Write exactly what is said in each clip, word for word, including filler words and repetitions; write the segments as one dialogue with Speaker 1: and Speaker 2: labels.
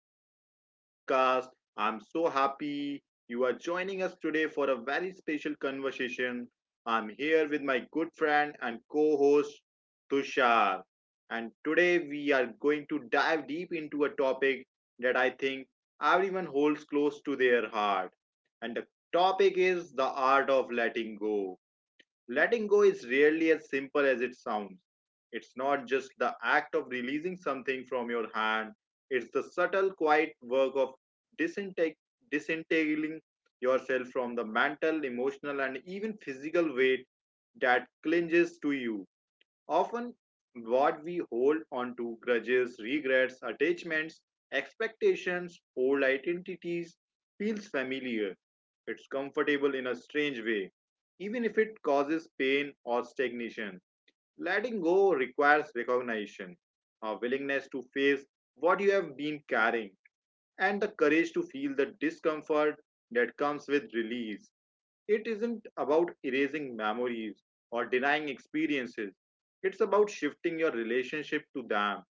Speaker 1: welcome to our podcast. I'm so happy you are joining us today for a very special conversation. I'm here with my good friend and co host Tushar, and today we are going to dive deep into a topic that I think everyone holds close to their heart. And the topic is the art of letting go. Letting go is rarely as simple as it sounds. It's not just the act of releasing something from your hand, it's the subtle, quiet work of disinteg- disentangling yourself from the mental, emotional, and even physical weight that clinges to you. Often, what we hold on to grudges, regrets, attachments, expectations, old identities feels familiar. It's comfortable in a strange way, even if it causes pain or stagnation. Letting go requires recognition, a willingness to face what you have been carrying, and the courage to feel the discomfort that comes with release. It isn't about erasing memories or denying experiences. It's about shifting your relationship to them,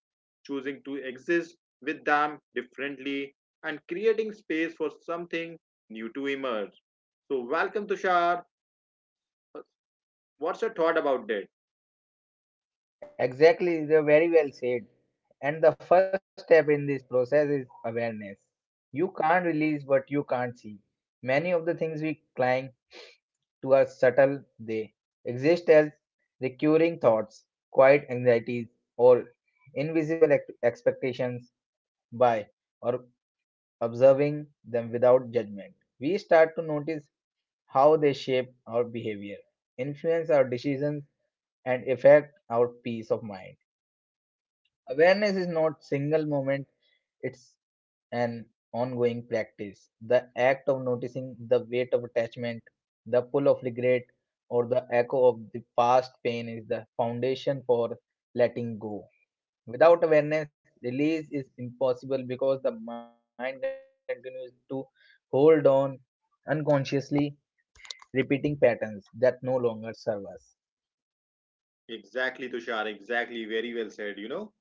Speaker 1: choosing to exist with them differently, and creating space for something new to emerge. So, welcome, Tushar. What's your thought about that?
Speaker 2: Exactly, they're very well said. And the first step in this process is awareness. You can't release what you can't see. Many of the things we cling to are subtle, they exist as recurring thoughts, quiet anxieties, or invisible ex- expectations by or observing them without judgment. We start to notice how they shape our behavior, influence our decisions, and affect our peace of mind. Awareness is not single moment. It's an ongoing practice. The act of noticing the weight of attachment, the pull of regret, or the echo of the past pain is the foundation for letting go. Without awareness, release is impossible because the mind continues to hold on unconsciously, repeating patterns that no longer serve us.
Speaker 1: Exactly, Tushar. Exactly. Very well said, you know.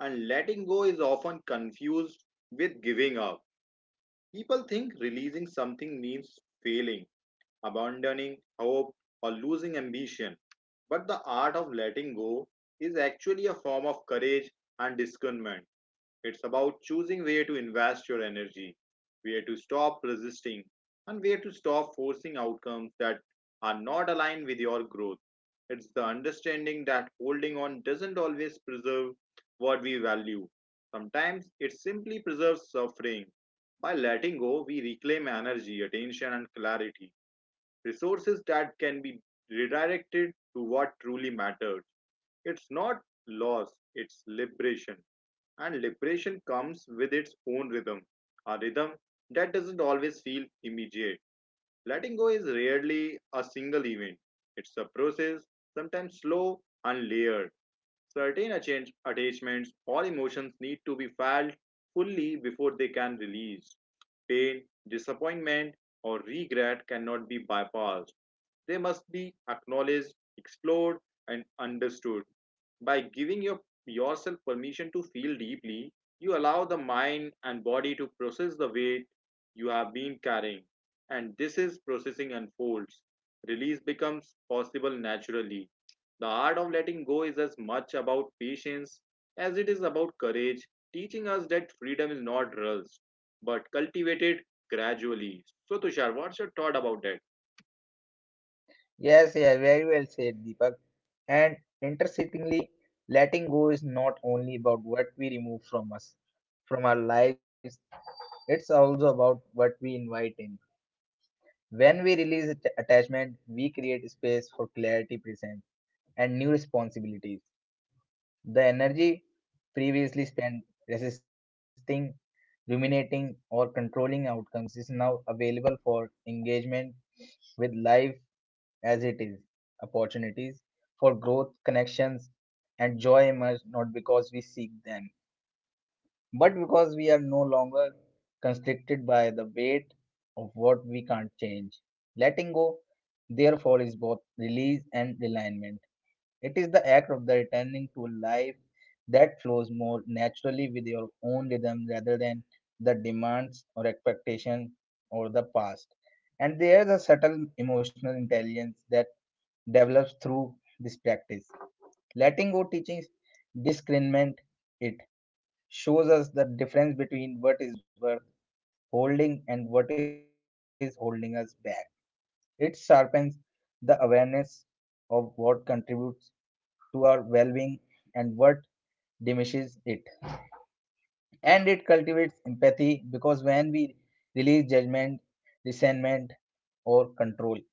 Speaker 1: And letting go is often confused with giving up. People think releasing something means failing, abandoning hope, or losing ambition. But the art of letting go is actually a form of courage and discernment. It's about choosing where to invest your energy, where to stop resisting, and where to stop forcing outcomes that are not aligned with your growth. It's the understanding that holding on doesn't always preserve what we value. Sometimes it simply preserves suffering. By letting go, we reclaim energy, attention, and clarity resources that can be redirected to what truly matters. It's not loss, it's liberation. And liberation comes with its own rhythm, a rhythm that doesn't always feel immediate. Letting go is rarely a single event, it's a process, sometimes slow and layered. Certain atten- attachments or emotions need to be felt fully before they can release. Pain, disappointment, or regret cannot be bypassed. They must be acknowledged, explored, and understood. By giving your, yourself permission to feel deeply, you allow the mind and body to process the weight you have been carrying. And this is processing unfolds. Release becomes possible naturally. The art of letting go is as much about patience as it is about courage, teaching us that freedom is not rushed but cultivated gradually. So, Tushar, what's your thought about that?
Speaker 2: Yes, yeah, very well said, Deepak. And interestingly, letting go is not only about what we remove from us, from our lives, it's also about what we invite in. When we release att- attachment, we create space for clarity, presence, and new responsibilities. The energy previously spent resisting, ruminating, or controlling outcomes is now available for engagement with life as it is. Opportunities for growth, connections, and joy emerge not because we seek them, but because we are no longer constricted by the weight of what we can't change. Letting go, therefore, is both release and alignment. It is the act of the returning to a life that flows more naturally with your own rhythm rather than the demands or expectations or the past. And there's a subtle emotional intelligence that develops through this practice. Letting go teaching discernment. It shows us the difference between what is worth holding and what is holding us back. It sharpens the awareness of what contributes to our well being and what diminishes it. And it cultivates empathy because when we release judgment, resentment, or control,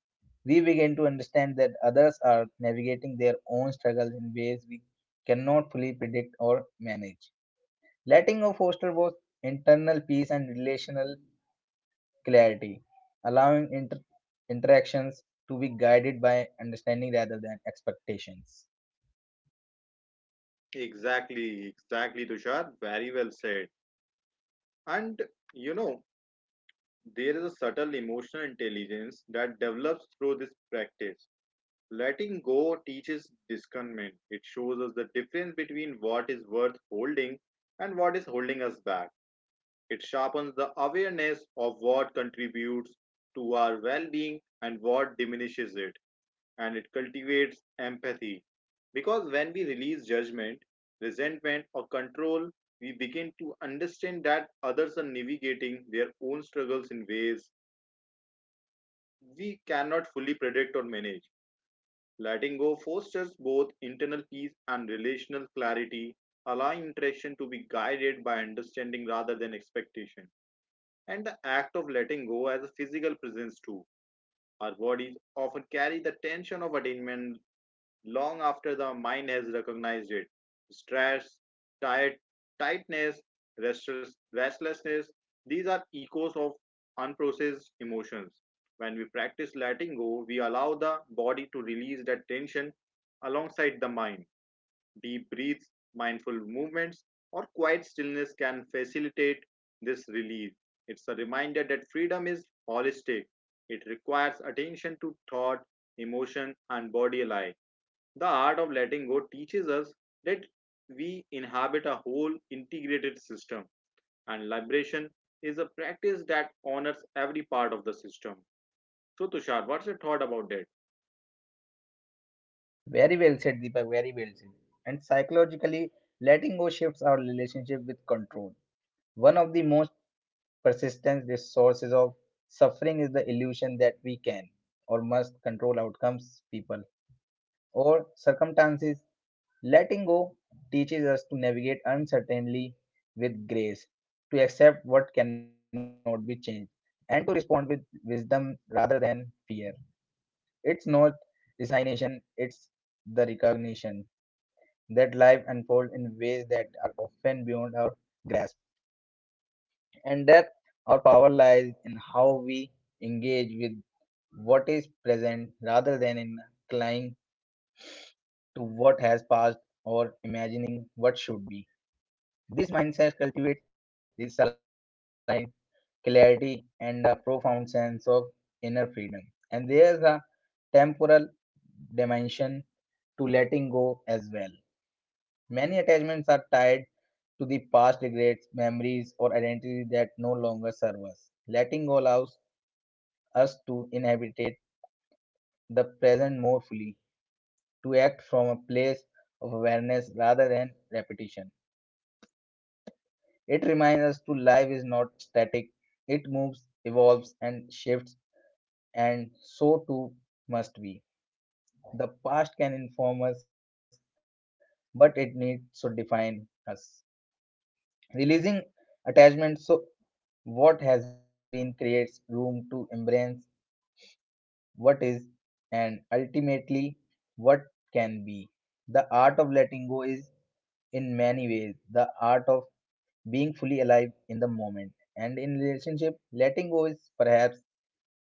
Speaker 2: we begin to understand that others are navigating their own struggles in ways we cannot fully predict or manage. Letting go fosters both internal peace and relational clarity, allowing inter- interactions to be guided by understanding rather than expectations.
Speaker 1: Exactly, exactly, Tushar. Very well said. And you know, there is a subtle emotional intelligence that develops through this practice. Letting go teaches discernment. It shows us the difference between what is worth holding and what is holding us back. It sharpens the awareness of what contributes to our well being and what diminishes it, and it cultivates empathy. Because when we release judgment, resentment, or control, we begin to understand that others are navigating their own struggles in ways we cannot fully predict or manage. Letting go fosters both internal peace and relational clarity, allowing interaction to be guided by understanding rather than expectation and the act of letting go as a physical presence too. Our bodies often carry the tension of attainment long after the mind has recognized it. Stress, tired, tightness, restless, restlessness, these are echoes of unprocessed emotions. When we practice letting go, we allow the body to release that tension alongside the mind. Deep breaths, mindful movements, or quiet stillness can facilitate this relief. It's a reminder that freedom is holistic. It requires attention to thought, emotion, and body alike. The art of letting go teaches us that we inhabit a whole integrated system, and liberation is a practice that honors every part of the system. So, Tushar, what's your thought about that?
Speaker 2: Very well said, Deepak, very well said. And psychologically, letting go shifts our relationship with control. One of the most persistence, this source of suffering is the illusion that we can or must control outcomes, people, or circumstances. Letting go teaches us to navigate uncertainty with grace, to accept what cannot be changed, and to respond with wisdom rather than fear. It's not resignation, it's the recognition that life unfolds in ways that are often beyond our grasp. And depth our power lies in how we engage with what is present rather than in clinging to what has passed or imagining what should be. This mindset cultivates this clarity and a profound sense of inner freedom. And there's a temporal dimension to letting go as well. Many attachments are tied to the past regrets, memories, or identity that no longer serve us. Letting go allows us to inhabit the present more fully, to act from a place of awareness rather than repetition. It reminds us to life is not static, it moves, evolves, and shifts, and so too must we. The past can inform us, but it needs to define us. Releasing attachment so what has been creates room to embrace what is and ultimately what can be. The art of letting go is in many ways the art of being fully alive in the moment. And in relationship, letting go is perhaps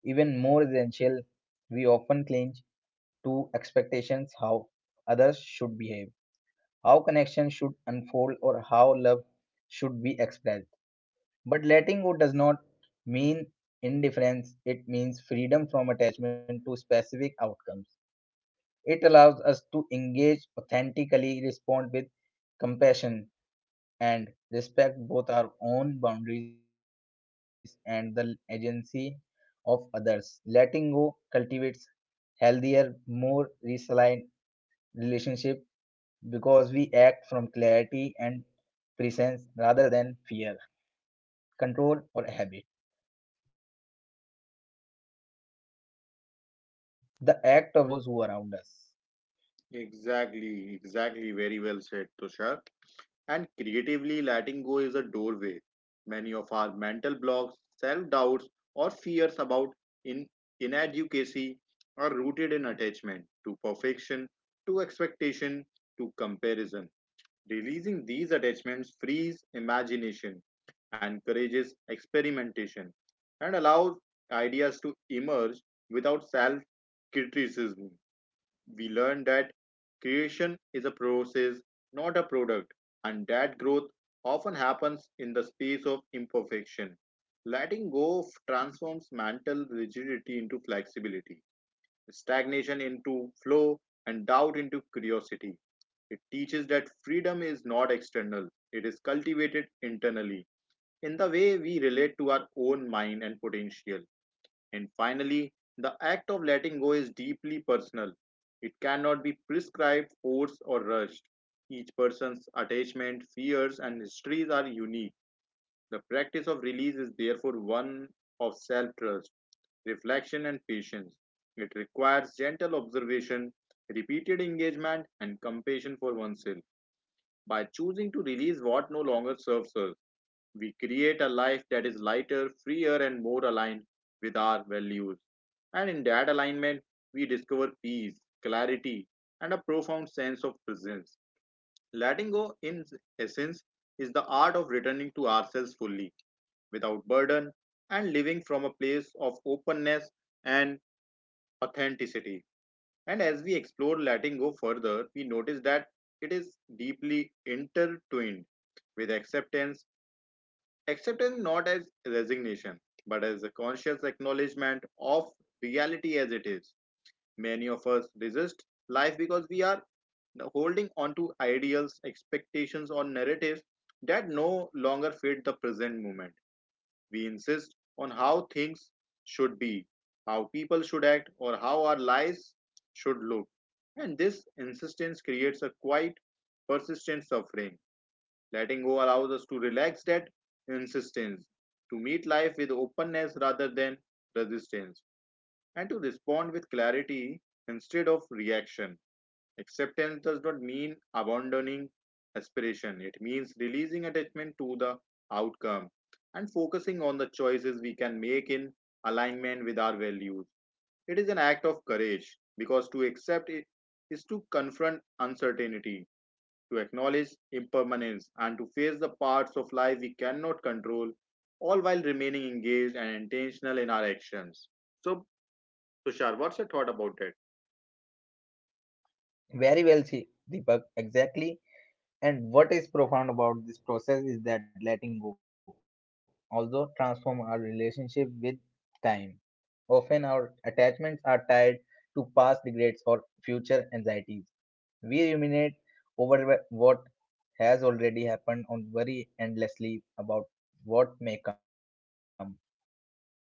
Speaker 2: even more essential. We often cling to expectations how others should behave, how connection should unfold, or how love should be expressed. But letting go does not mean indifference, it means freedom from attachment to specific outcomes. It allows us to engage authentically, respond with compassion, and respect both our own boundaries and the agency of others. Letting go cultivates healthier, more resilient relationship because we act from clarity and presence rather than fear, control, or habit. The act of release becomes a gift both to
Speaker 1: Exactly,
Speaker 2: ourselves
Speaker 1: exactly.
Speaker 2: and
Speaker 1: Very well
Speaker 2: those
Speaker 1: said,
Speaker 2: who are around
Speaker 1: Tushar.
Speaker 2: us.
Speaker 1: And creatively letting go is a doorway. Many of our mental blocks, self doubts, or fears about in- inadequacy are rooted in attachment to perfection, to expectation, to comparison. Releasing these attachments frees imagination, encourages experimentation, and allows ideas to emerge without self criticism we learn that creation is a process, not a product, and that growth often happens in the space of imperfection. Letting go of transforms mental rigidity into flexibility, stagnation into flow, and doubt into curiosity. It teaches that freedom is not external, it is cultivated internally in the way we relate to our own mind and potential. And finally, the act of letting go is deeply personal. It cannot be prescribed, forced, or rushed. Each person's attachment, fears, and histories are unique. The practice of release is therefore one of self trust, reflection, and patience. It requires gentle observation, repeated engagement, and compassion for oneself. By choosing to release what no longer serves us, we create a life that is lighter, freer, and more aligned with our values. And in that alignment, we discover peace, clarity, and a profound sense of presence. Letting go, in essence, is the art of returning to ourselves fully, without burden, and living from a place of openness and authenticity. And as we explore letting go further, we notice that it is deeply intertwined with acceptance. Acceptance not as resignation, but as a conscious acknowledgement of reality as it is. Many of us resist life because we are holding on to ideals, expectations, or narratives that no longer fit the present moment. We insist on how things should be, how people should act, or how our lives should look. And this insistence creates a quite persistent suffering. Letting go allows us to relax that insistence, to meet life with openness rather than resistance, and to respond with clarity instead of reaction. Acceptance does not mean abandoning aspiration, it means releasing attachment to the outcome and focusing on the choices we can make in alignment with our values. It is an act of courage because to accept it is to confront uncertainty to acknowledge impermanence and to face the parts of life we cannot control, all while remaining engaged and intentional in our actions. So, Tushar, what's your thought about it?
Speaker 2: Very well, see, Deepak. Exactly. And what is profound about this process is that letting go also transform our relationship with time. Often our attachments are tied to past regrets or future anxieties. We ruminate over wh- what has already happened and worry endlessly about what may come.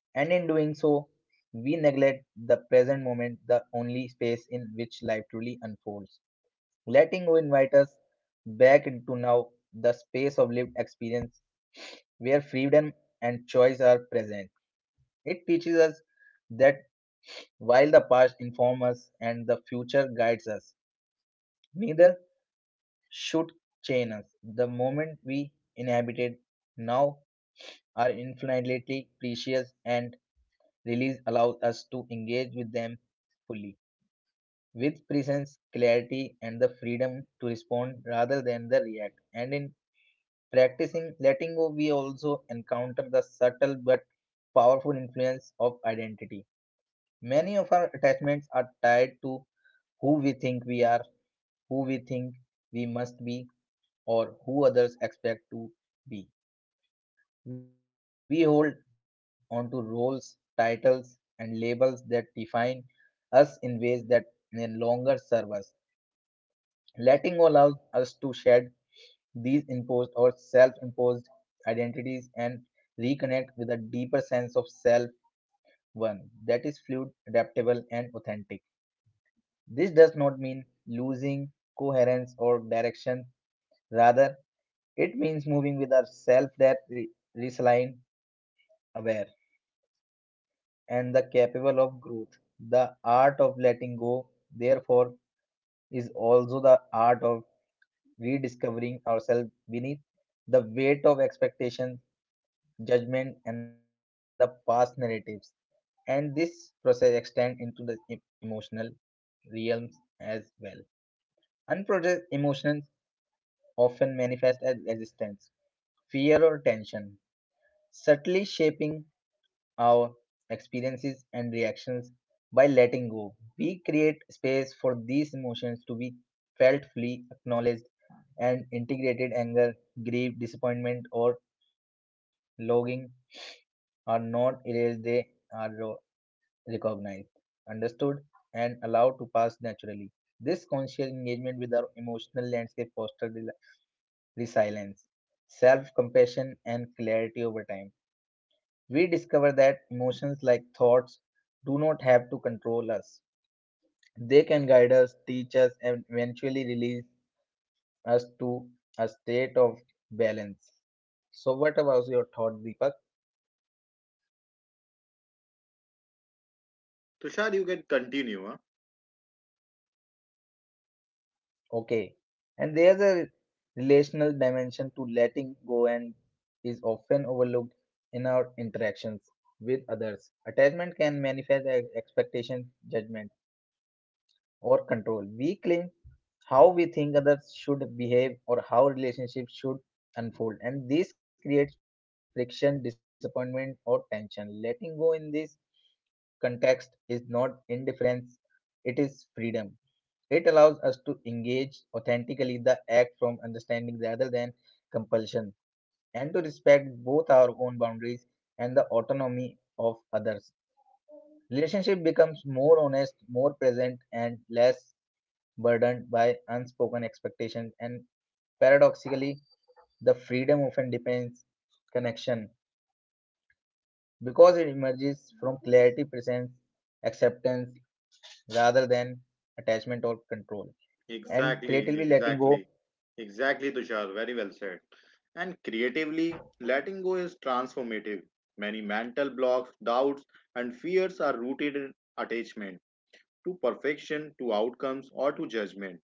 Speaker 2: And in doing so, we neglect the present moment, the only space in which life truly unfolds letting you invite us back into now the space of lived experience where freedom and choice are present. It teaches us that while the past informs us and the future guides us, neither should chain us. The moment we inhabited now are infinitely precious and release allows us to engage with them fully with presence, clarity, and the freedom to respond rather than the react. And in practicing letting go, we also encounter the subtle but powerful influence of identity. Many of our attachments are tied to who we think we are, who we think we must be, or who others expect to be. We hold onto roles, titles, and labels that define us in ways that no longer serve us. Letting go allows us to shed these imposed or self imposed identities and reconnect with a deeper sense of self one that is fluid, adaptable, and authentic. This does not mean losing coherence or direction, rather, it means moving with a self that re- resilient, aware, and the capable of growth. The art of letting go, therefore, is also the art of rediscovering ourselves beneath the weight of expectation judgment, and the past narratives. And this process extends into the e- emotional realms as well. Unprocessed emotions often manifest as resistance, fear, or tension, subtly shaping our experiences and reactions by letting go. We create space for these emotions to be felt, fully acknowledged, and integrated anger, grief, disappointment, or longing are not erased, they are raw recognized, understood, and allowed to pass naturally. This conscious engagement with our emotional landscape fosters rel- resilience, self compassion, and clarity over time. We discover that emotions like thoughts do not have to control us, they can guide us, teach us, and eventually release us to a state of balance. So, what about your thought, Deepak?
Speaker 1: Tushar, you can continue. Huh?
Speaker 2: Okay. And there's a relational dimension to letting go and is often overlooked in our interactions with others. Attachment can manifest as expectation, judgment, or control. We cling how we think others should behave or how relationships should unfold. And this creates friction, disappointment, or tension. Letting go in this context is not indifference, it is freedom. It allows us to engage authentically the act from understanding rather than compulsion and to respect both our own boundaries and the autonomy of others. Relationship becomes more honest, more present, and less burdened by unspoken expectations. And paradoxically, the freedom often depends connection because it emerges from clarity, presence, acceptance rather than attachment or control. And
Speaker 1: Exactly,
Speaker 2: creatively letting
Speaker 1: exactly,
Speaker 2: go.
Speaker 1: exactly, Tushar. Very well said. And creatively, letting go is transformative. Many mental blocks, doubts, and fears are rooted in attachment to perfection, to outcomes, or to judgment.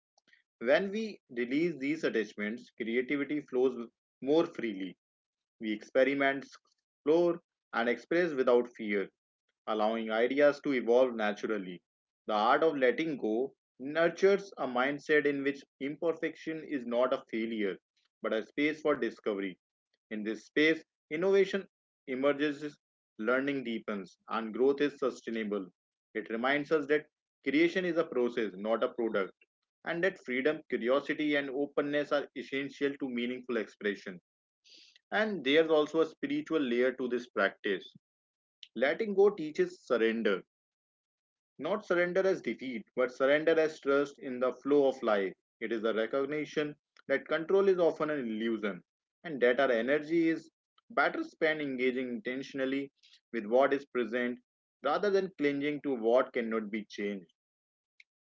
Speaker 1: When we release these attachments, creativity flows more freely. We experiment, explore, and express without fear, allowing ideas to evolve naturally. The art of letting go nurtures a mindset in which imperfection is not a failure, but a space for discovery. In this space, innovation emerges, learning deepens, and growth is sustainable. It reminds us that creation is a process, not a product and that freedom, curiosity, and openness are essential to meaningful expression. And there's also a spiritual layer to this practice. Letting go teaches surrender, not surrender as defeat, but surrender as trust in the flow of life. It is a recognition that control is often an illusion and that our energy is better spent engaging intentionally with what is present rather than clinging to what cannot be changed.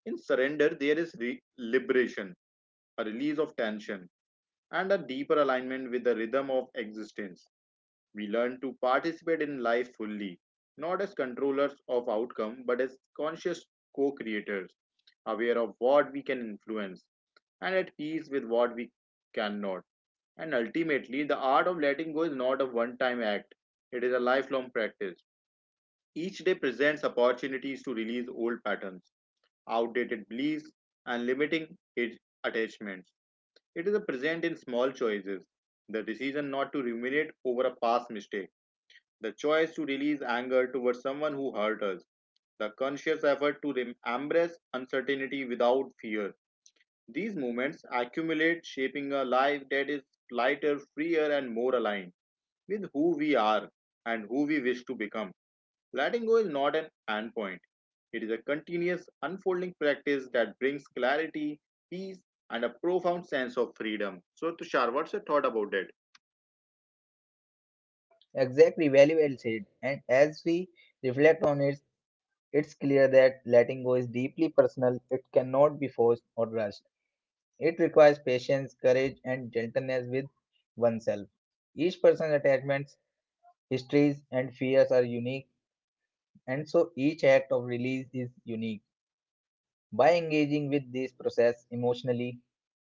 Speaker 1: In surrender, there is re- liberation, a release of tension and a deeper alignment with the rhythm of existence. We learn to participate in life fully, not as controllers of outcome, but as conscious co creators, aware of what we can influence and at peace with what we cannot. And ultimately, the art of letting go is not a one time act, it is a lifelong practice. Each day presents opportunities to release old patterns, outdated beliefs, and limiting attachments. It is a present in small choices the decision not to ruminate over a past mistake, the choice to release anger towards someone who hurt us, the conscious effort to embrace uncertainty without fear. These moments accumulate, shaping a life that is lighter, freer, and more aligned with who we are and who we wish to become. Letting go is not an end point, it is a continuous unfolding practice that brings clarity, peace, and a profound sense of freedom. So, Tushar, what's your thought about it?
Speaker 2: Exactly, very well said. And as we reflect on it, it's clear that letting go is deeply personal. It cannot be forced or rushed. It requires patience, courage, and gentleness with oneself. Each person's attachments, histories, and fears are unique, and so each act of release is unique. By engaging with this process emotionally,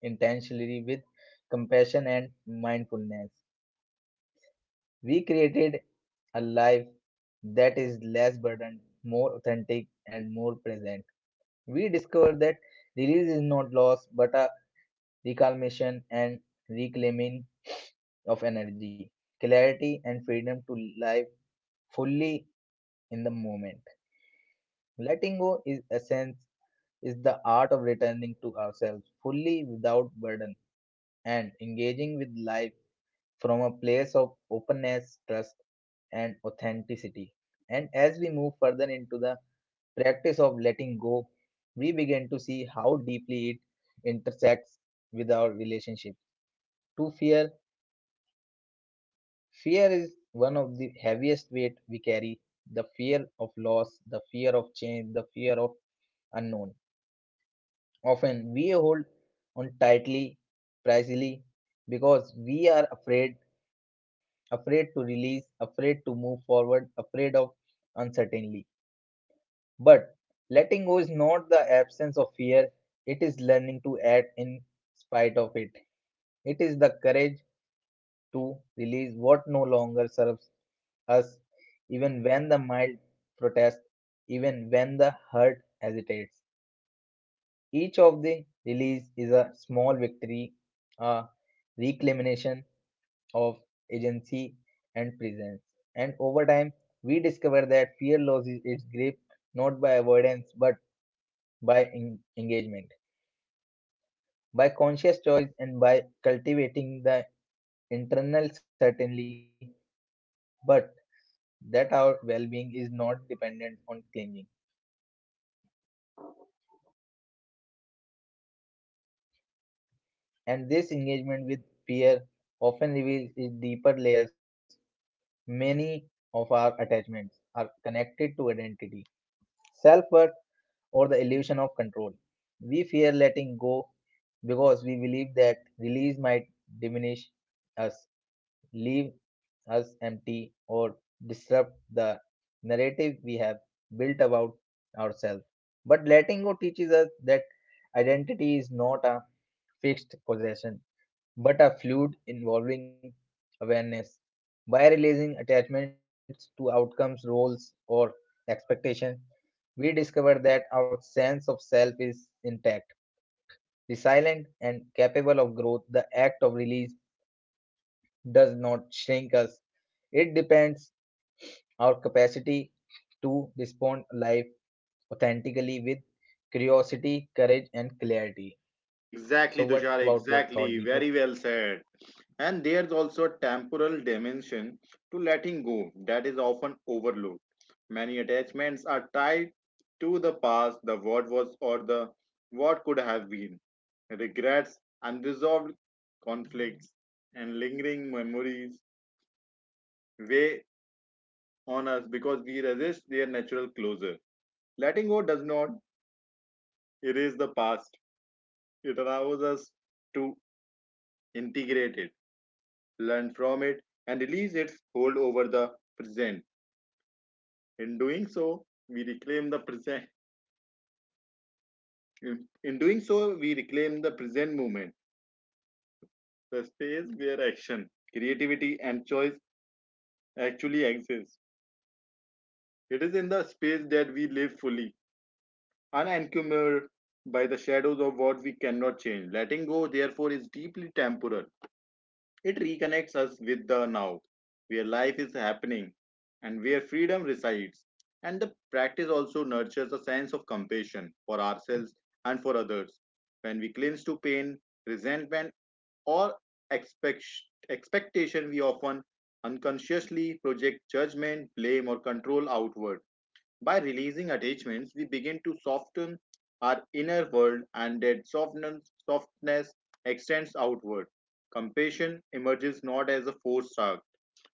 Speaker 2: intentionally, with compassion and mindfulness, we created a life that is less burdened, more authentic, and more present. We discovered that release is not loss but a recalmation and reclaiming of energy, clarity, and freedom to live fully in the moment. Letting go is essence is the art of returning to ourselves fully without burden and engaging with life from a place of openness, trust, and authenticity. And as we move further into the practice of letting go, we begin to see how deeply it intersects with our relationship to fear. Fear is one of the heaviest weight we carry. The fear of loss, the fear of change, the fear of unknown. Often we hold on tightly, precisely, because we are afraid, afraid to release, afraid to move forward, afraid of uncertainty. But letting go is not the absence of fear, it is learning to act in spite of it. It is the courage to release what no longer serves us, even when the mind protests, even when the heart hesitates. Each of the release is a small victory, a reclamation of agency and presence. And over time, we discover that fear loses its grip not by avoidance but by en- engagement, by conscious choice, and by cultivating the internal certainty, but that our well being is not dependent on clinging. And this engagement with fear often reveals its deeper layers. Many of our attachments are connected to identity, self worth, or the illusion of control. We fear letting go because we believe that release might diminish us leave us empty or disrupt the narrative we have built about ourselves. But letting go teaches us that identity is not a fixed possession, but a fluid involving awareness. By releasing attachments to outcomes, roles, or expectations, we discover that our sense of self is intact, resilient, and capable of growth. The act of release does not shrink us, it depends our capacity to respond life authentically with curiosity, courage, and clarity.
Speaker 1: Exactly,
Speaker 2: So, what
Speaker 1: Tushar,
Speaker 2: about your
Speaker 1: exactly.
Speaker 2: thought,
Speaker 1: Very
Speaker 2: Deepak?
Speaker 1: well said. And there's also a temporal dimension to letting go that is often overlooked. Many attachments are tied to the past, the what was, or the what could have been. Regrets, unresolved conflicts, and lingering memories weigh on us because we resist their natural closure. Letting go does not erase the past, it allows us to integrate it, learn from it, and release its hold over the present. In doing so, we reclaim the present. In doing so, we reclaim the present moment, the space where action, creativity, and choice actually exist. It is in the space that we live fully, unencumbered by the shadows of what we cannot change. Letting go, therefore, is deeply temporal. It reconnects us with the now, where life is happening and where freedom resides. And the practice also nurtures a sense of compassion for ourselves and for others. When we cling to pain, resentment, or expect- expectation, we often unconsciously project judgment, blame, or control outward. By releasing attachments, we begin to soften our inner world, and that softness, softness extends outward. Compassion emerges not as a forced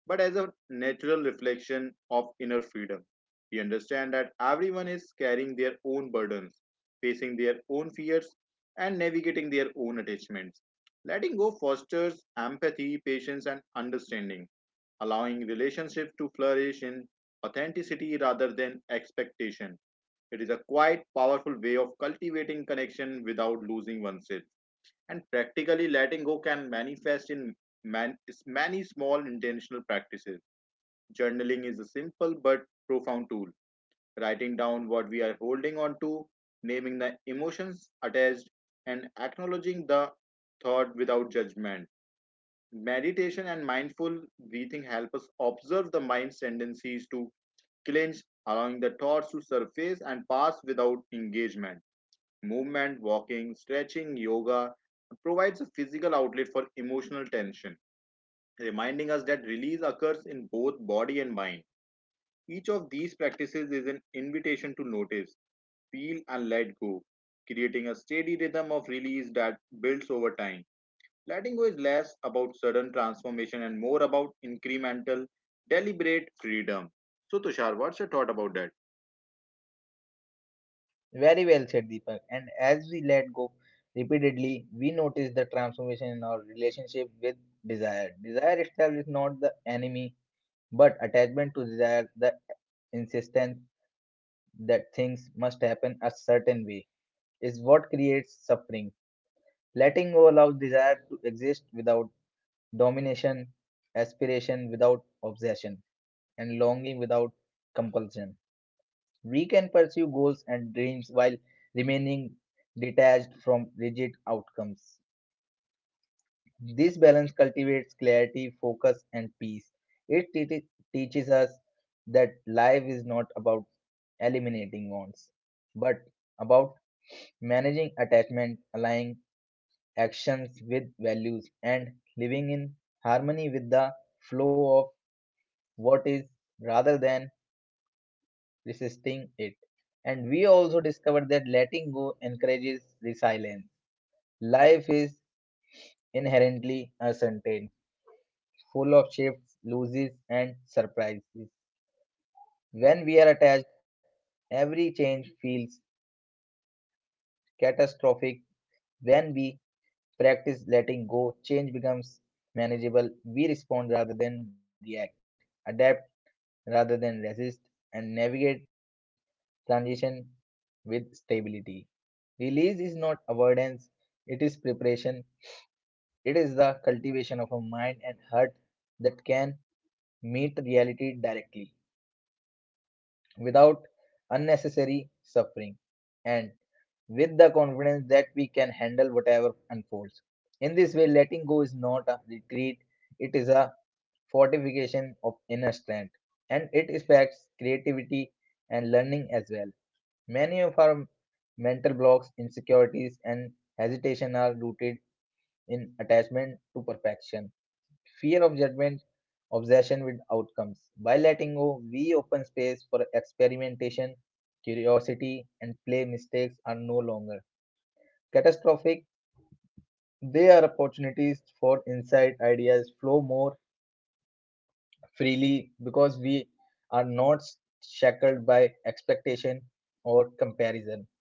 Speaker 1: but as a natural reflection of inner freedom. We understand that everyone is carrying their own burdens, facing their own fears, and navigating their own attachments. Letting go fosters empathy, patience, and understanding, allowing relationships to flourish in authenticity rather than expectation. It is a quite powerful way of cultivating connection without losing oneself. And practically, letting go can manifest in man- many small intentional practices. Journaling is a simple but profound tool. Writing down what we are holding on to, naming the emotions attached, and acknowledging the thought without judgment. Meditation and mindful breathing help us observe the mind's tendencies to clinch, allowing the thoughts to surface and pass without engagement. Movement, walking, stretching, yoga provides a physical outlet for emotional tension, reminding us that release occurs in both body and mind. Each of these practices is an invitation to notice, feel, and let go, creating a steady rhythm of release that builds over time. Letting go is less about sudden transformation and more about incremental, deliberate freedom. So, Tushar, what's your thought about that?
Speaker 2: Very well said, Deepak. And as we let go repeatedly, we notice the transformation in our relationship with desire. Desire itself is not the enemy, but attachment to desire, the insistence that things must happen a certain way, is what creates suffering. Letting go allows desire to exist without domination, aspiration without obsession, and longing without compulsion. We can pursue goals and dreams while remaining detached from rigid outcomes. This balance cultivates clarity, focus, and peace. It te- teaches us that life is not about eliminating wants, but about managing attachment, aligning actions with values, and living in harmony with the flow of what is rather than resisting it. And we also discovered that letting go encourages resilience. Life is inherently uncertain, full of shifts, losses, and surprises. When we are attached, every change feels catastrophic. When we practice letting go, change becomes manageable. We respond rather than react, adapt rather than resist, and navigate transition with stability. Release is not avoidance, it is preparation, it is the cultivation of a mind and heart that can meet reality directly without unnecessary suffering and with the confidence that we can handle whatever unfolds. In this way, letting go is not a retreat, it is a fortification of inner strength, and it affects creativity and learning as well. Many of our mental blocks, insecurities, and hesitation are rooted in attachment to perfection, fear of judgment, obsession with outcomes. By letting go, we open space for experimentation, curiosity, and play. Mistakes are no longer catastrophic, they are opportunities for insight, ideas flow more freely because we are not shackled by expectation or comparison.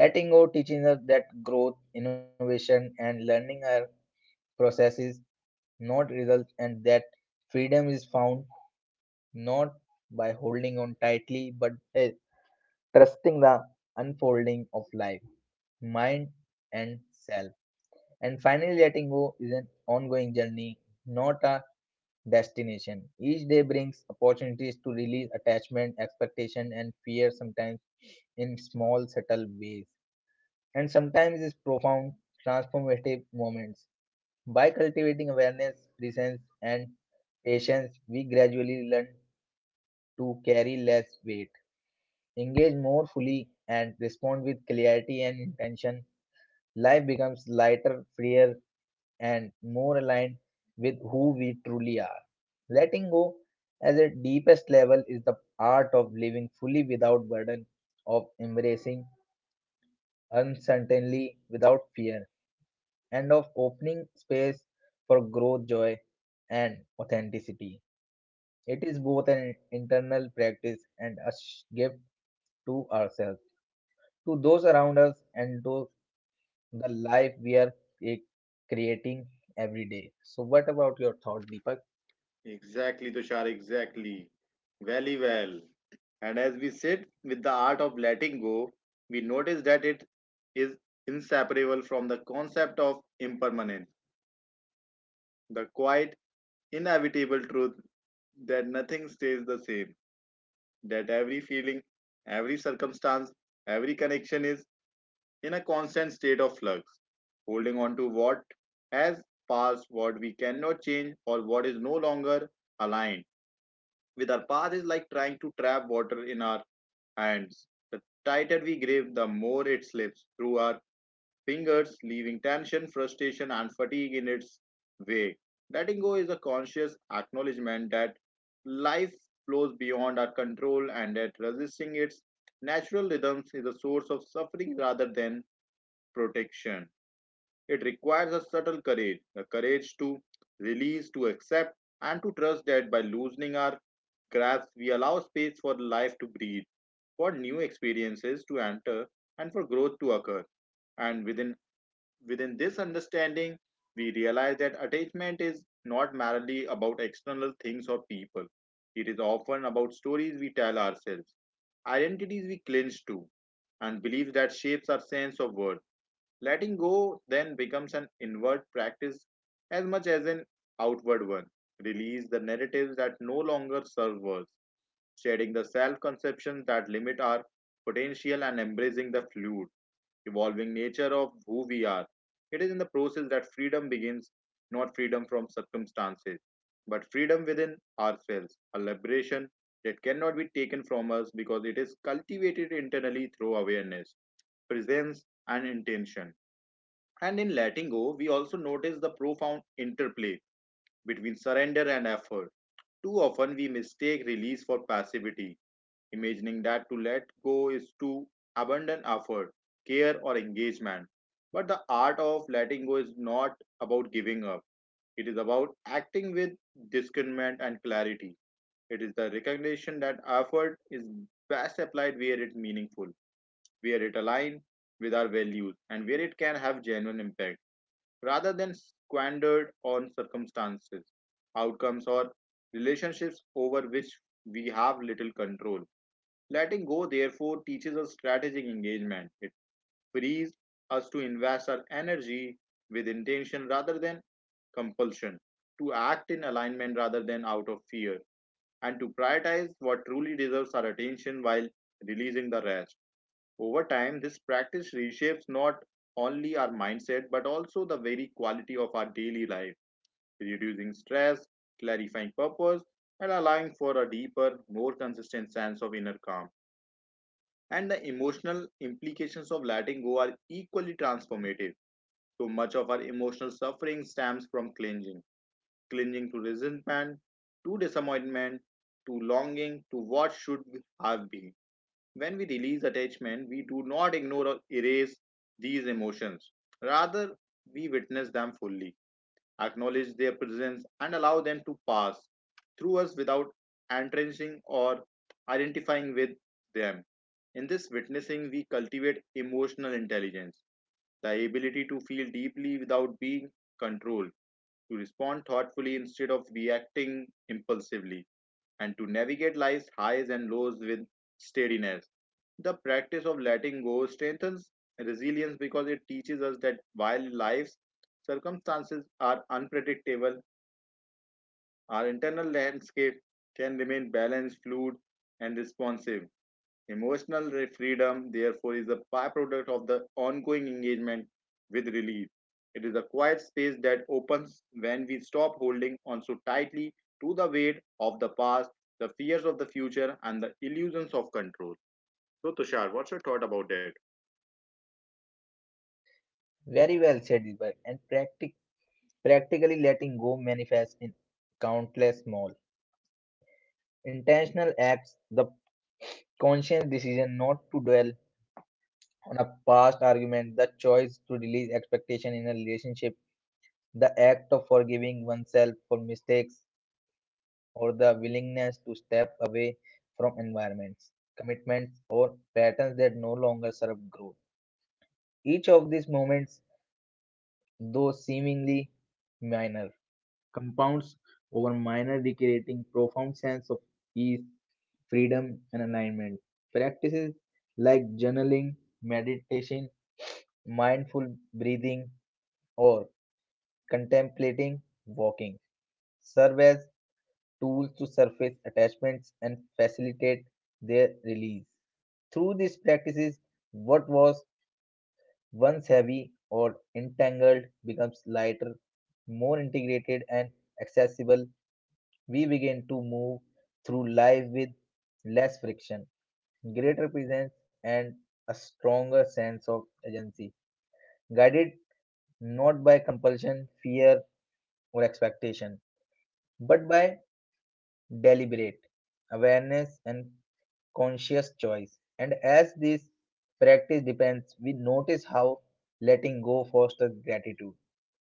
Speaker 2: Letting go teaches us that growth, innovation, and learning are processes, not results, and that freedom is found not by holding on tightly but by trusting the unfolding of life, mind, and self. And finally, letting go is an ongoing journey, not a destination. Each day brings opportunities to release attachment, expectation, and fear, sometimes in small, subtle ways and sometimes its profound transformative moments. By cultivating awareness, presence, and patience, we gradually learn to carry less weight, engage more fully, and respond with clarity and intention. Life becomes lighter, freer, and more aligned with who we truly are. Letting go as a deepest level is the art of living fully without burden, of embracing uncertainty without fear, and of opening space for growth, joy, and authenticity. It is both an internal practice and a sh- gift to ourselves, to those around us, and to the life we are eh, creating every day. So, what about your thought, Deepak?
Speaker 1: Exactly, Tushar, exactly. Very well. And as we sit with the art of letting go, we notice that it is inseparable from the concept of impermanence, the quiet, inevitable truth that nothing stays the same, that every feeling, every circumstance, every connection is in a constant state of flux. Holding on to what has passed, what we cannot change, or what is no longer aligned with our path is like trying to trap water in our hands. The tighter we grip, the more it slips through our fingers, leaving tension, frustration, and fatigue in its wake. Letting go is a conscious acknowledgement that life flows beyond our control and that resisting its natural rhythms is a source of suffering rather than protection. It requires a subtle courage, the courage to release, to accept, and to trust that by loosening our grasp, we allow space for life to breathe, for new experiences to enter, and for growth to occur. And within Within this understanding, we realize that attachment is not merely about external things or people. It is often about stories we tell ourselves, identities we cling to, and beliefs that shapes our sense of worth. Letting go then becomes an inward practice as much as an outward one. Release the narratives that no longer serve us, shedding the self conceptions that limit our potential and embracing the fluid, evolving nature of who we are. It is in the process that freedom begins, not freedom from circumstances, but freedom within ourselves, a liberation that cannot be taken from us because it is cultivated internally through awareness, presence, and intention. And in letting go, we also notice the profound interplay between surrender and effort. Too often, we mistake release for passivity, imagining that to let go is to abandon effort, care, or engagement. But the art of letting go is not about giving up, it is about acting with discernment and clarity. It is the recognition that effort is best applied where it's meaningful, where it aligns with our values, and where it can have genuine impact rather than squandered on circumstances, outcomes, or relationships over which we have little control. Letting go, therefore, teaches us strategic engagement. It frees us to invest our energy with intention rather than compulsion, to act in alignment rather than out of fear, and to prioritize what truly deserves our attention while releasing the rest. Over time, this practice reshapes not only our mindset but also the very quality of our daily life, reducing stress, clarifying purpose, and allowing for a deeper, more consistent sense of inner calm. And the emotional implications of letting go are equally transformative. So much of our emotional suffering stems from clinging, clinging to resentment, to disappointment, to longing, to what should have been. When we release attachment, we do not ignore or erase these emotions. Rather, we witness them fully, acknowledge their presence, and allow them to pass through us without entrenching or identifying with them. In this witnessing, we cultivate emotional intelligence, the ability to feel deeply without being controlled, to respond thoughtfully instead of reacting impulsively, and to navigate life's highs and lows with steadiness. The practice of letting go strengthens resilience because it teaches us that while life's circumstances are unpredictable, our internal landscape can remain balanced, fluid, and responsive. Emotional freedom, therefore, is a byproduct of the ongoing engagement with relief. It is a quiet space that opens when we stop holding on so tightly to the weight of the past, the fears of the future, and the illusions of control. So, Tushar, what's your thought about that?
Speaker 2: Very well said, Deepak. And practic- practically letting go manifests in countless small intentional acts, the conscious decision not to dwell on a past argument, the choice to release expectation in a relationship, the act of forgiving oneself for mistakes, or the willingness to step away from environments, commitments, or patterns that no longer serve growth. Each of these moments, though seemingly minor, compounds over minor day, creating profound sense of ease, freedom, and alignment. Practices like journaling, meditation, mindful breathing, or contemplating walking serve as tools to surface attachments and facilitate their release. Through these practices, what was once heavy or entangled becomes lighter, more integrated, and accessible. We begin to move through life with less friction, greater presence, and a stronger sense of agency, guided not by compulsion, fear, or expectation, but by deliberate awareness and conscious choice. And as this practice depends, we notice how letting go fosters gratitude.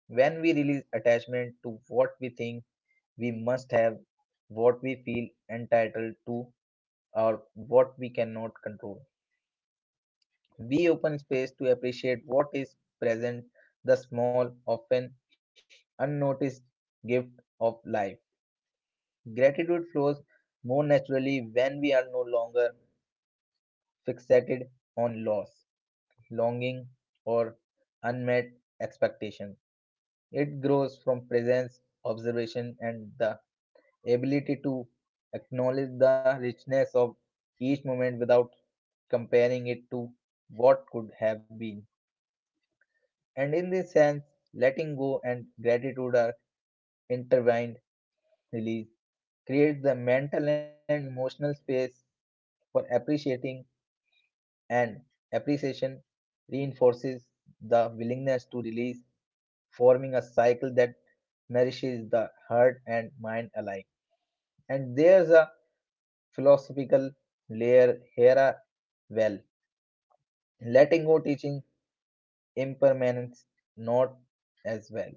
Speaker 2: When we release attachment to what we think we must have, what we feel entitled to, or what we cannot control, we open space to appreciate what is present, the small, often unnoticed gift of life. Gratitude flows more naturally when we are no longer fixated on loss, longing, or unmet expectation. It grows from presence, observation, and the ability to acknowledge the richness of each moment without comparing it to what could have been. And in this sense, letting go and gratitude are intertwined. Release creates the mental and emotional space for appreciating, and appreciation reinforces the willingness to release, forming a cycle that nourishes the heart and mind alike. And there's a philosophical layer here as well. Letting go teaching impermanence not as well.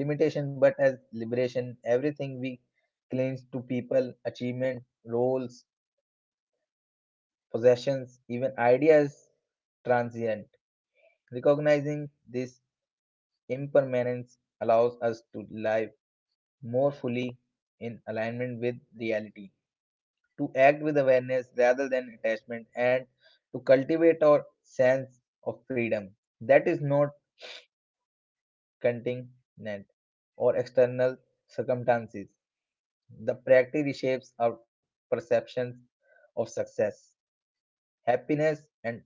Speaker 2: Limitation but as liberation. Everything we cling to, people, achievement, roles, possessions, even ideas transient. Recognizing this impermanence allows us to live more fully in alignment with reality, to act with awareness rather than attachment, and to cultivate our sense of freedom that is not contingent or external circumstances. The practice reshapes our perceptions of success, happiness, and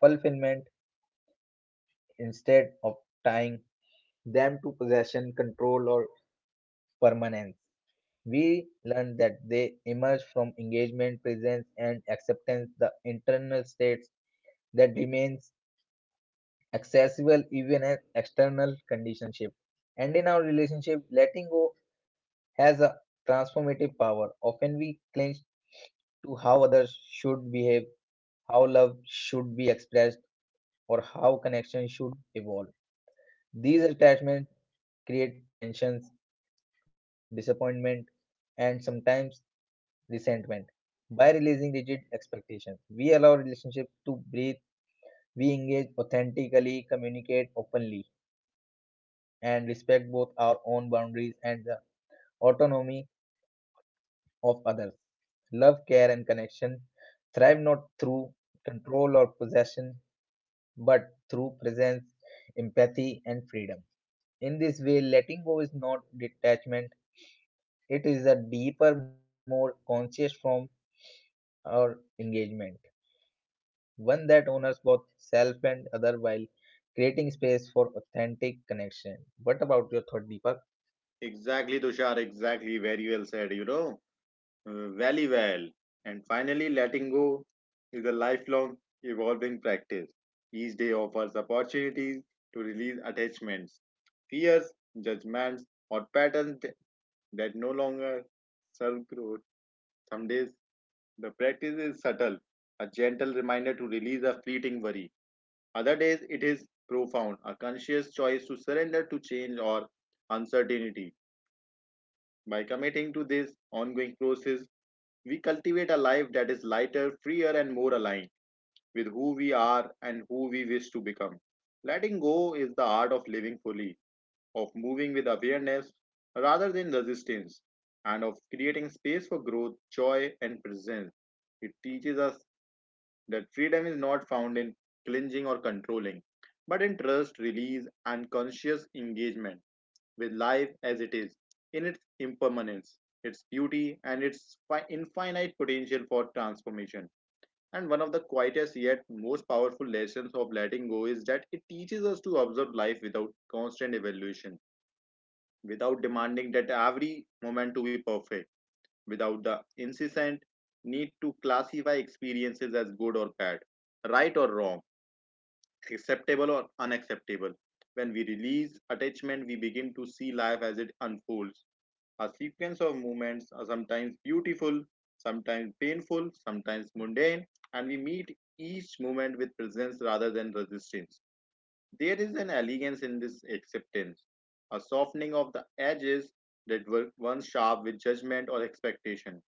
Speaker 2: fulfillment instead of tying them to possession, control, or permanence. We learn that they emerge from engagement, presence, and acceptance, the internal states that remains accessible even in external conditionship. And in our relationship, letting go has a transformative power. Often we cling to how others should behave, how love should be expressed, or how connection should evolve. These attachments create tensions, disappointment, and sometimes resentment. By releasing rigid expectations, we allow relationship to breathe. We engage authentically, communicate openly, and respect both our own boundaries and the autonomy of others. Love, care, and connection thrive not through control or possession, but through presence, empathy, and freedom. In this way, letting go is not detachment, it is a deeper, more conscious form of engagement, one that honors both self and other while creating space for authentic connection. What about your thought, Deepak?
Speaker 1: Exactly, Tushar, exactly. Very well said, you know. Uh, Very well. And finally, letting go is a lifelong evolving practice. Each day offers opportunities to release attachments, fears, judgments, or patterns th- that no longer serve growth. Some days, the practice is subtle, a gentle reminder to release a fleeting worry. Other days, it is profound, a conscious choice to surrender to change or uncertainty. By committing to this ongoing process, we cultivate a life that is lighter, freer, and more aligned with who we are and who we wish to become. Letting go is the art of living fully, of moving with awareness rather than resistance, and of creating space for growth, joy, and presence. It teaches us that freedom is not found in clinging or controlling, but in trust, release, and conscious engagement with life as it is, in its impermanence, its beauty, and its infinite potential for transformation. And one of the quietest yet most powerful lessons of letting go is that it teaches us to observe life without constant evaluation, without demanding that every moment to be perfect, without the incessant need to classify experiences as good or bad, right or wrong, acceptable or unacceptable. When we release attachment, we begin to see life as it unfolds, a sequence of movements are sometimes beautiful, sometimes painful, sometimes mundane, and we meet each movement with presence rather than resistance. There is an elegance in this acceptance, a softening of the edges that were once sharp with judgment or expectation.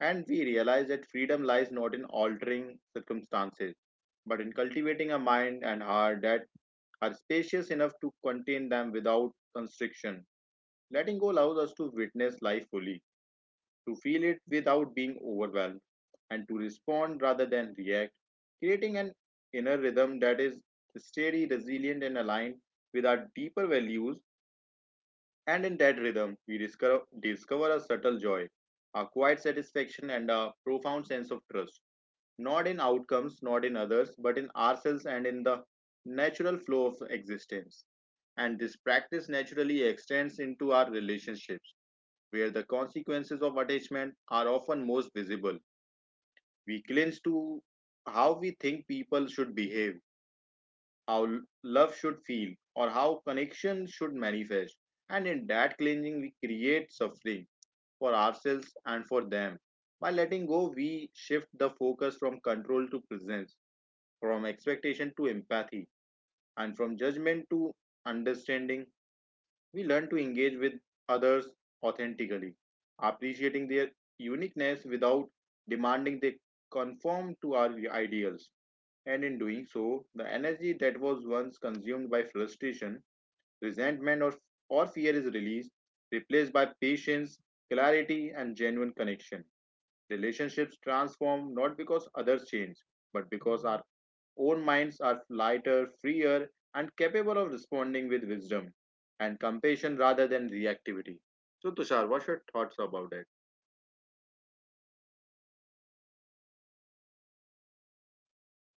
Speaker 1: And we realize that freedom lies not in altering circumstances, but in cultivating a mind and heart that are spacious enough to contain them without constriction. Letting go allows us to witness life fully, to feel it without being overwhelmed, and to respond rather than react, creating an inner rhythm that is steady, resilient, and aligned with our deeper values. And in that rhythm, we discover, discover a subtle joy, a quiet satisfaction, and a profound sense of trust, not in outcomes, not in others, but in ourselves and in the natural flow of existence. And this practice naturally extends into our relationships, where the consequences of attachment are often most visible. We clinch to how we think people should behave, how love should feel, or how connection should manifest. And in that clinging, we create suffering for ourselves and for them. By letting go, we shift the focus from control to presence, from expectation to empathy, and from judgment to understanding. We learn to engage with others authentically, appreciating their uniqueness without demanding they conform to our ideals. And in doing so, the energy that was once consumed by frustration, resentment, or, or fear is released, replaced by patience, clarity, and genuine connection. Relationships transform not because others change, but because our own minds are lighter, freer, and capable of responding with wisdom and compassion rather than reactivity. So, Tushar, what's your thoughts about it?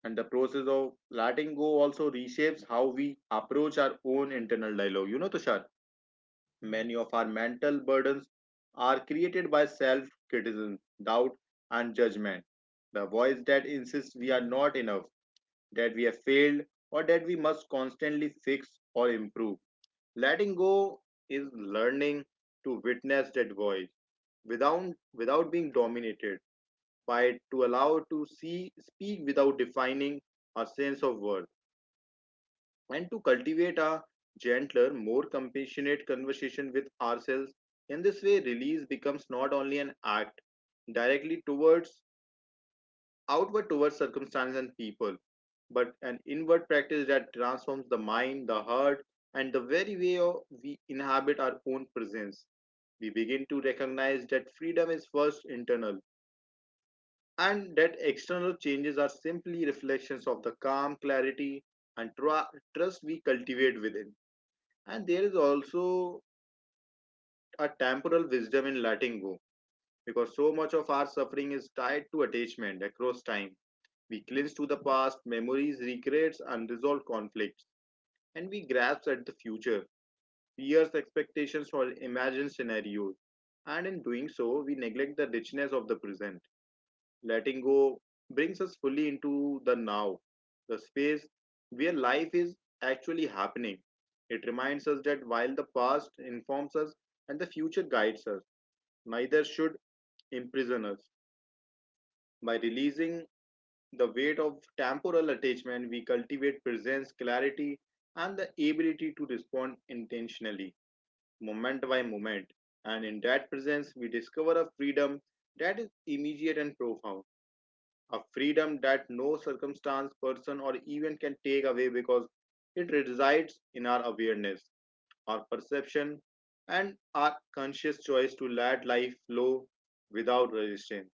Speaker 1: And the process of letting go also reshapes how we approach our own internal dialogue. You know, Tushar, many of our mental burdens are created by self criticism, doubt, and judgment. The voice that insists we are not enough, that we have failed, or that we must constantly fix or improve. Letting go is learning to witness that voice without, without being dominated by it, to allow to see, speak without defining our sense of worth, and to cultivate a gentler, more compassionate conversation with ourselves. In this way, release becomes not only an act directly towards outward towards circumstances and people, but an inward practice that transforms the mind, the heart, and the very way of- we inhabit our own presence. We begin to recognize that freedom is first internal, and that external changes are simply reflections of the calm, clarity, and tru- trust we cultivate within. And there is also a temporal wisdom in letting go because so much of our suffering is tied to attachment across time. We cling to the past, memories, regrets, unresolved conflicts, and we grasp at the future, fears, expectations, or imagined scenarios. And in doing so, we neglect the richness of the present. Letting go brings us fully into the now, the space where life is actually happening. It reminds us that while the past informs us and the future guides us, neither should imprison us. By releasing the weight of temporal attachment, we cultivate presence, clarity, and the ability to respond intentionally, moment by moment. And in that presence, we discover a freedom that is immediate and profound, a freedom that no circumstance, person, or event can take away because it resides in our awareness, our perception, and our conscious choice to let life flow without resistance.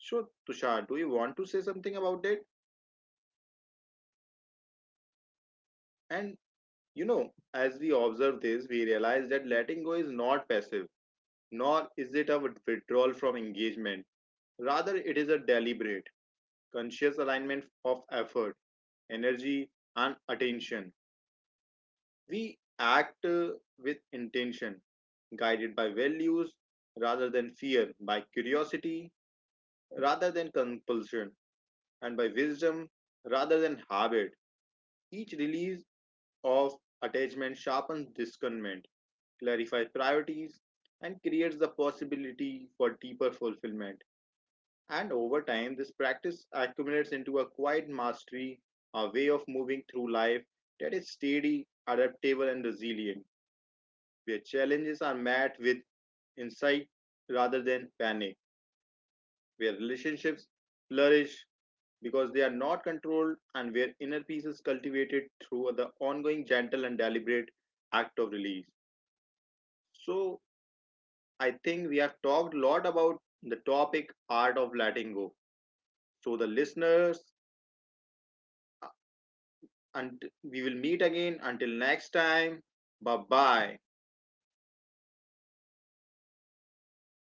Speaker 1: So, Tushar, do you want to say something about it? And you know, as we observe this, we realize that letting go is not passive, nor is it a withdrawal from engagement. Rather, it is a deliberate, conscious alignment of effort, energy, and attention. We act uh, with intention, guided by values rather than fear, by curiosity rather than compulsion, and by wisdom rather than habit. Each release of attachment sharpens discernment, clarifies priorities, and creates the possibility for deeper fulfillment. And over time, this practice accumulates into a quiet mastery, a way of moving through life that is steady, adaptable, and resilient, where challenges are met with insight rather than panic, where relationships flourish because they are not controlled, and where inner peace is cultivated through the ongoing gentle and deliberate act of release. So, I think we have talked a lot about the topic art of letting go. So, the listeners, uh, and we will meet again until next time. Bye bye.